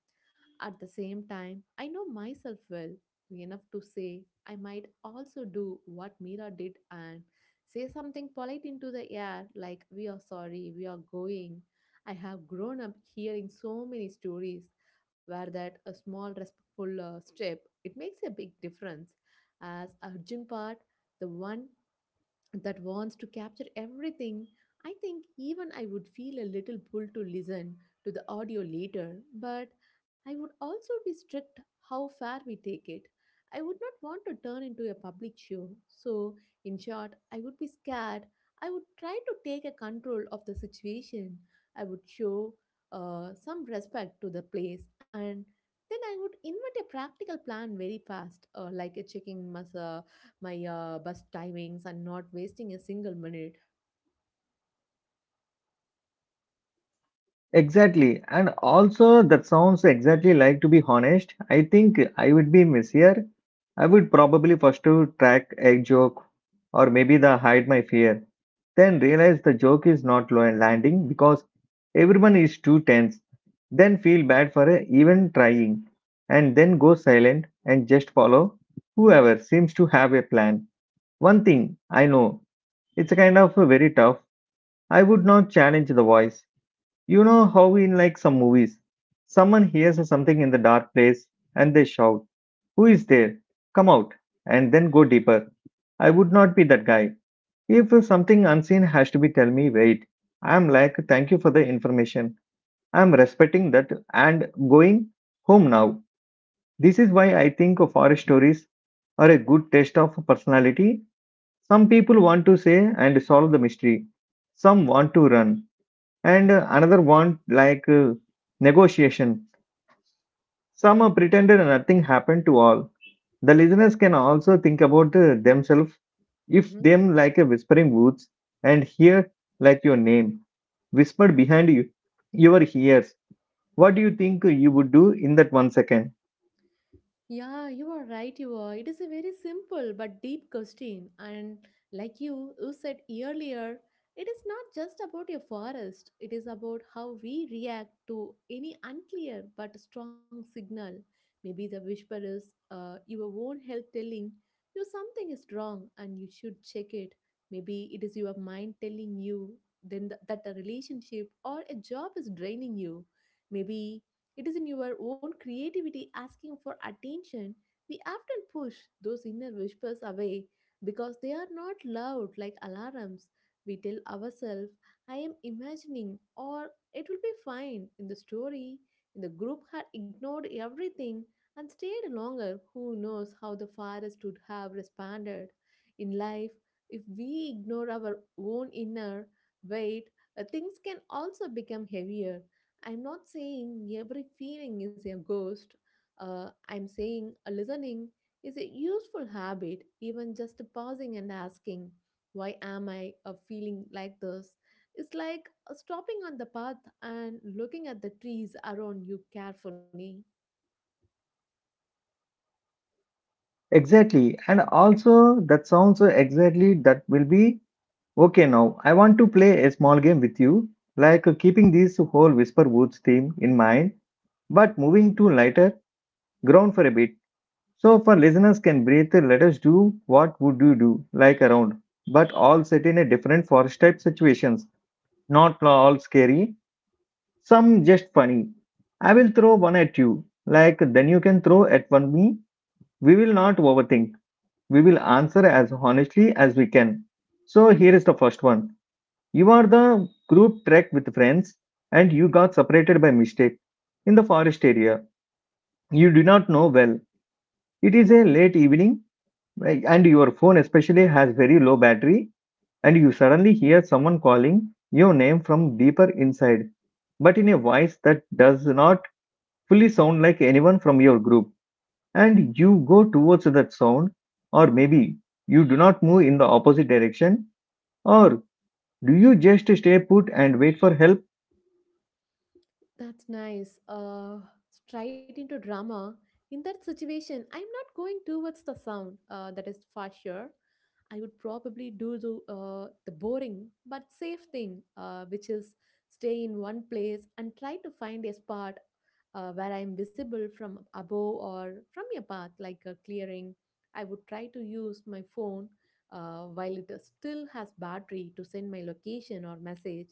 Speaker 2: At the same time, I know myself well enough to say I might also do what Mira did and say something polite into the air like, We are sorry, we are going. I have grown up hearing so many stories where that a small respectful step it makes a big difference as Arjun part the one that wants to capture everything, I think even I would feel a little pull to listen to the audio later, but I would also be strict how far we take it. I would not want to turn into a public show. So, in short, I would be scared. I would try to take a control of the situation. I would show some respect to the place and then I would invent a practical plan very fast, like a checking massa my bus timings and not wasting a single minute.
Speaker 1: Exactly. And also, that sounds exactly like, to be honest, I think I would be messier. I would probably first to track a joke or maybe the hide my fear. Then realize the joke is not landing because everyone is too tense. Then feel bad for even trying. And then go silent and just follow whoever seems to have a plan. One thing I know, it's a kind of very tough. I would not challenge the voice. You know how in like some movies, someone hears something in the dark place and they shout, who is there? Come out, and then go deeper. I would not be that guy. If something unseen has to be tell me, wait. I'm like, thank you for the information. I'm respecting that and going home now. This is why I think of horror stories are a good test of personality. Some people want to say and solve the mystery. Some want to run. And another one like negotiation. Some pretended nothing happened to all. The listeners can also think about themselves, if
Speaker 2: Mm-hmm.
Speaker 1: them like a whispering woods and hear like your name whispered behind you, your ears, what do you think you would do in that one second?
Speaker 2: Yeah, you are right. You are. It is a very simple but deep question. And like you said earlier, it is not just about your forest, it is about how we react to any unclear but strong signal. Maybe the whisper is your own health telling you something is wrong and you should check it. Maybe it is your mind telling you then that a relationship or a job is draining you. Maybe it is in your own creativity asking for attention. We often push those inner whispers away because they are not loud like alarms. We tell ourselves, I am imagining, or it will be fine. In the story, in the group had ignored everything and stayed longer. Who knows how the forest would have responded? In life, if we ignore our own inner weight, things can also become heavier. I'm not saying every feeling is a ghost. I'm saying a listening is a useful habit, even just pausing and asking, Why am I feeling like this? It's like stopping on the path and looking at the trees around you carefully.
Speaker 1: Exactly. And also that sounds exactly that will be okay. Now I want to play a small game with you, like keeping this whole whisper woods theme in mind, but moving to lighter ground for a bit. So for listeners can breathe, let us do what would you do, like around, but all set in a different forest type situations, not all scary, some just funny. I will throw one at you, like then you can throw at one me. We will not overthink. We will answer as honestly as we can. So here is the first one. You are the group trek with friends and you got separated by mistake in the forest area. You do not know well. It is a late evening. Like, and your phone especially has very low battery, and you suddenly hear someone calling your name from deeper inside, but in a voice that does not fully sound like anyone from your group. And you go towards that sound, or maybe you do not move in the opposite direction, or do you just stay put and wait for help?
Speaker 2: That's nice. Straight into drama. In that situation, I'm not going towards the sound. That is for sure. I would probably do the boring but safe thing, which is stay in one place and try to find a spot where I am visible from above or from a path, like a clearing. I would try to use my phone while it still has battery to send my location or message,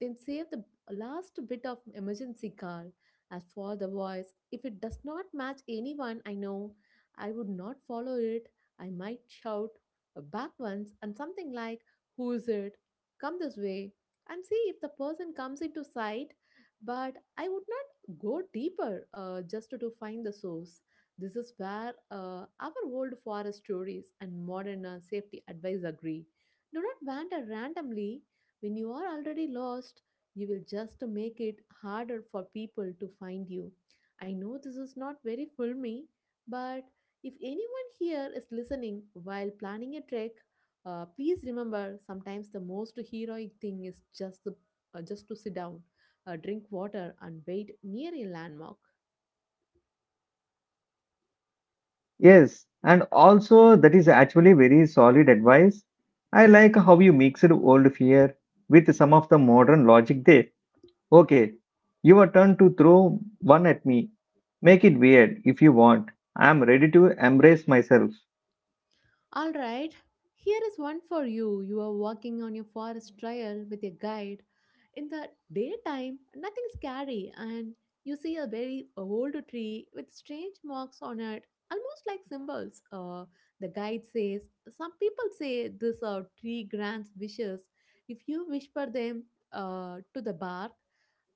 Speaker 2: then save the last bit of emergency call. As for the voice, if it does not match anyone I know, I would not follow it. I might shout back once and something like, Who is it? Come this way. And see if the person comes into sight. But I would not go deeper just to find the source. This is where our old forest stories and modern safety advice agree. Do not wander randomly when you are already lost you will just make it harder for people to find you. I know this is not very filmy, but if anyone here is listening while planning a trek, please remember sometimes the most heroic thing is just just to sit down, drink water, and wait near a landmark.
Speaker 1: Yes, and also that is actually very solid advice. I like how you mixed old fear with some of the modern logic there. Okay, your turn to throw one at me. Make it weird if you want. I'm ready to embrace myself.
Speaker 2: All right, here is one for you. You are walking on your forest trail with a guide. In the daytime, nothing scary, and you see a very old tree with strange marks on it, almost like symbols. The guide says, Some people say this tree grants wishes if you whisper them to the bark,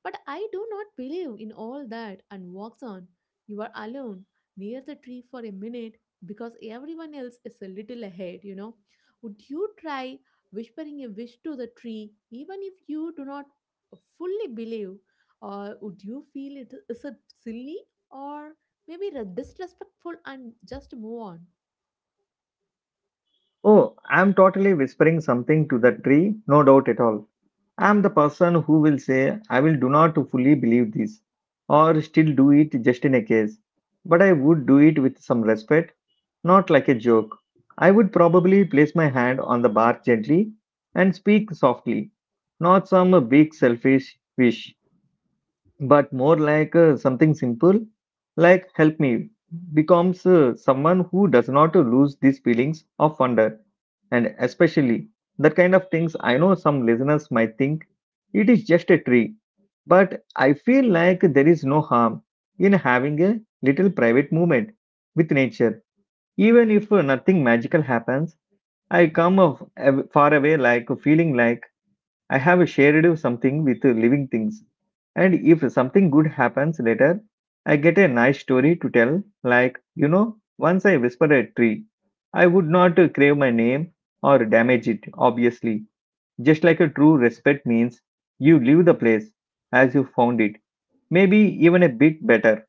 Speaker 2: but I do not believe in all that and walks on. You are alone near the tree for a minute because everyone else is a little ahead. Would you try whispering a wish to the tree, even if you do not fully believe, or would you feel it is it silly or maybe disrespectful and just move on?
Speaker 1: Oh, I'm totally whispering something to the tree, no doubt at all. I'm the person who will say, I will do not fully believe this, or still do it just in a case. But I would do it with some respect, not like a joke. I would probably place my hand on the bar gently and speak softly, not some big selfish wish, but more like something simple like help me becomes someone who does not lose these feelings of wonder, and especially that kind of things. I know some listeners might think it is just a tree, but I feel like there is no harm in having a little private moment with nature, even if nothing magical happens. I come of, far away like feeling like I have shared something with living things. And if something good happens later, I get a nice story to tell. Like, you know, once I whispered a tree, I would not crave my name or damage it, obviously. Just like a true respect means you leave the place as you found it, maybe even a bit better.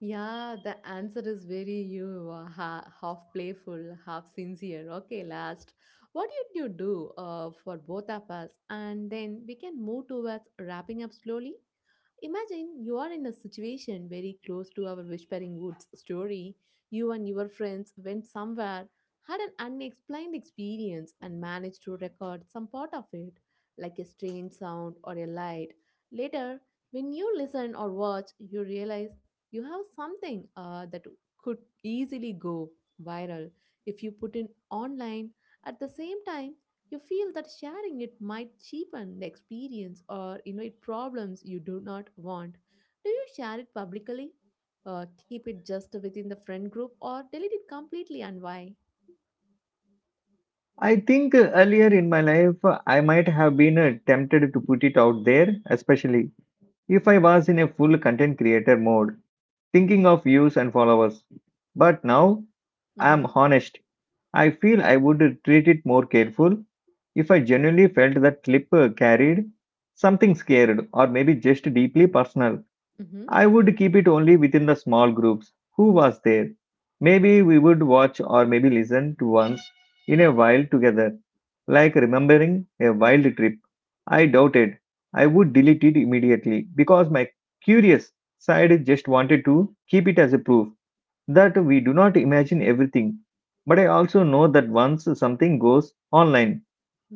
Speaker 2: Yeah, the answer is very you half playful, half sincere. Okay, last. What did you do for both of us? And then we can move towards wrapping up slowly. Imagine you are in a situation very close to our Whispering Woods story. You and your friends went somewhere, had an unexplained experience, and managed to record some part of it, like a strange sound or a light. Later, when you listen or watch, you realize you have something that could easily go viral if you put it online at the same time you feel that sharing it might cheapen the experience or invite problems you do not want. Do you share it publicly? Keep it just within the friend group or delete it completely and why?
Speaker 1: I think earlier in my life, I might have been tempted to put it out there, especially if I was in a full content creator mode thinking of views and followers. But now I'm
Speaker 2: Mm-hmm.
Speaker 1: honest. I feel I would treat it more careful if I genuinely felt that clip carried something scared or maybe just deeply personal.
Speaker 2: Mm-hmm.
Speaker 1: I would keep it only within the small groups who was there. Maybe we would watch or maybe listen to once in a while together, like remembering a wild trip. I doubted I would delete it immediately because my curious side just wanted to keep it as a proof that we do not imagine everything. But I also know that once something goes online,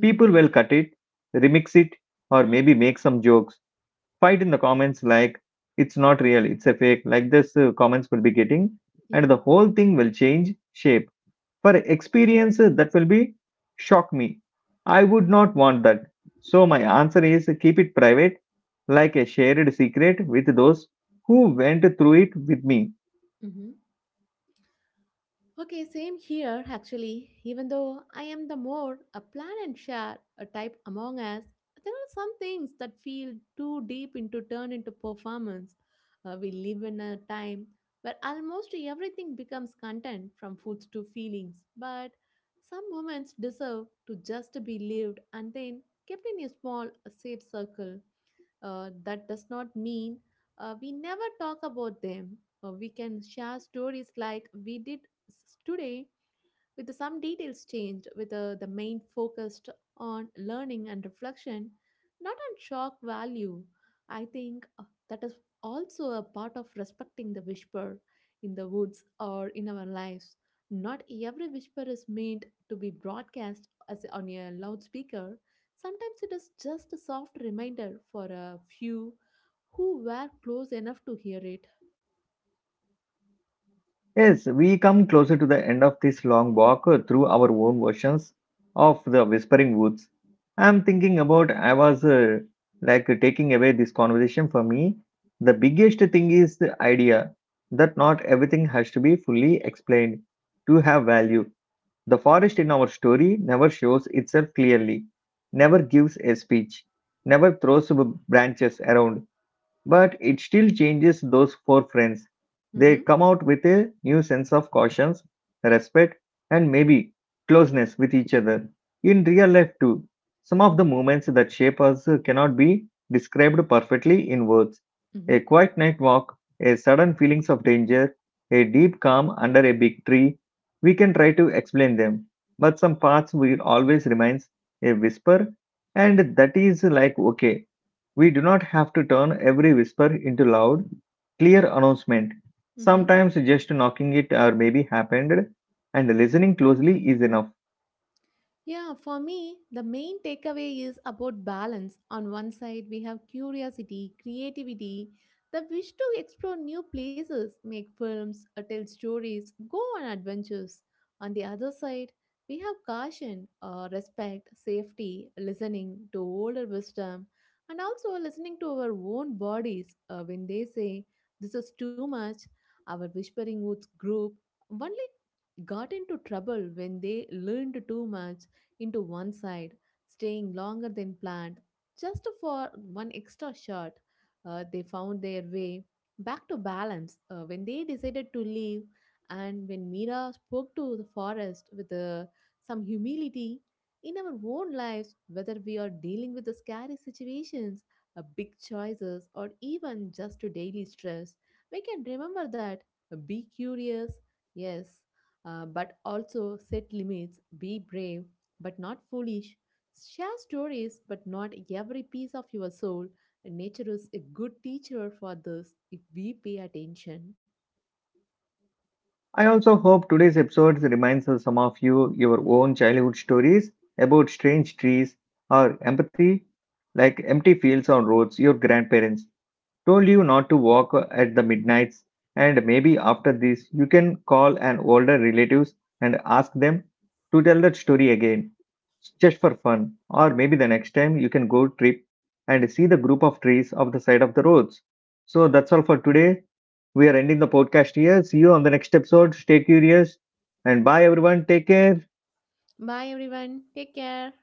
Speaker 1: people will cut it, remix it, or maybe make some jokes fight in the comments like it's not real, it's a fake, like this comments will be getting, and
Speaker 2: Yeah.
Speaker 1: the whole thing will change shape. For experience, that will be shock me. I would not want that. So, my answer is keep it private, like a shared secret with those who went through it with me.
Speaker 2: Mm-hmm. Okay, same here actually. Even though I am the more a plan and share a type among us, there are some things that feel too deep into turn into performance. We live in a time where almost everything becomes content from foods to feelings, but some moments deserve to just be lived and then kept in a small, safe circle. That does not mean we never talk about them. We can share stories like we did today with some details changed, with the main focused on learning and reflection, not on shock value. I think that is also a part of respecting the whisper in the woods or in our lives. Not every whisper is meant to be broadcast as on a loudspeaker. Sometimes it is just a soft reminder for a few who were close enough to hear it.
Speaker 1: Yes, we come closer to the end of this long walk through our own versions of the Whispering Woods. I'm thinking about I was like taking away this conversation for me. The biggest thing is the idea that not everything has to be fully explained to have value. The forest in our story never shows itself clearly, never gives a speech, never throws branches around. But it still changes those four friends.
Speaker 2: Mm-hmm,
Speaker 1: They come out with a new sense of caution, respect, and maybe closeness with each other. In real life, too, some of the moments that shape us cannot be described perfectly in words. A
Speaker 2: mm-hmm,
Speaker 1: quiet night walk, a sudden feelings of danger, a deep calm under a big tree. We can try to explain them, but some parts will always remains a whisper, and that is like okay. We do not have to turn every whisper into loud, clear announcement.
Speaker 2: mm-hmm.
Speaker 1: Sometimes just knocking it or maybe happened and listening closely is enough.
Speaker 2: Yeah, for me, the main takeaway is about balance. On one side, we have curiosity, creativity, the wish to explore new places, make films, tell stories, go on adventures. On the other side, we have caution, respect, safety, listening to older wisdom, and also listening to our own bodies when they say, This is too much. Our Whispering Woods group only got into trouble when they learned too much into one side, staying longer than planned just for one extra shot. They found their way back to balance when they decided to leave, and when Mira spoke to the forest with some humility. In our own lives, whether we are dealing with the scary situations, big choices, or even just to daily stress, we can remember that be curious, yes, but also set limits, be brave, but not foolish. Share stories, but not every piece of your soul. Nature is a good teacher for this if we pay attention.
Speaker 1: I also hope today's episode reminds some of you your own childhood stories about strange trees or empathy like empty fields on roads your grandparents told you not to walk at the midnights, and maybe after this you can call an older relatives and ask them to tell that story again just for fun, or maybe the next time you can go trip and see the group of trees off the side of the roads. So that's all for today. We are ending the podcast here. See you on the next episode. Stay curious, and bye everyone. Take care.
Speaker 2: Bye, everyone. Take care.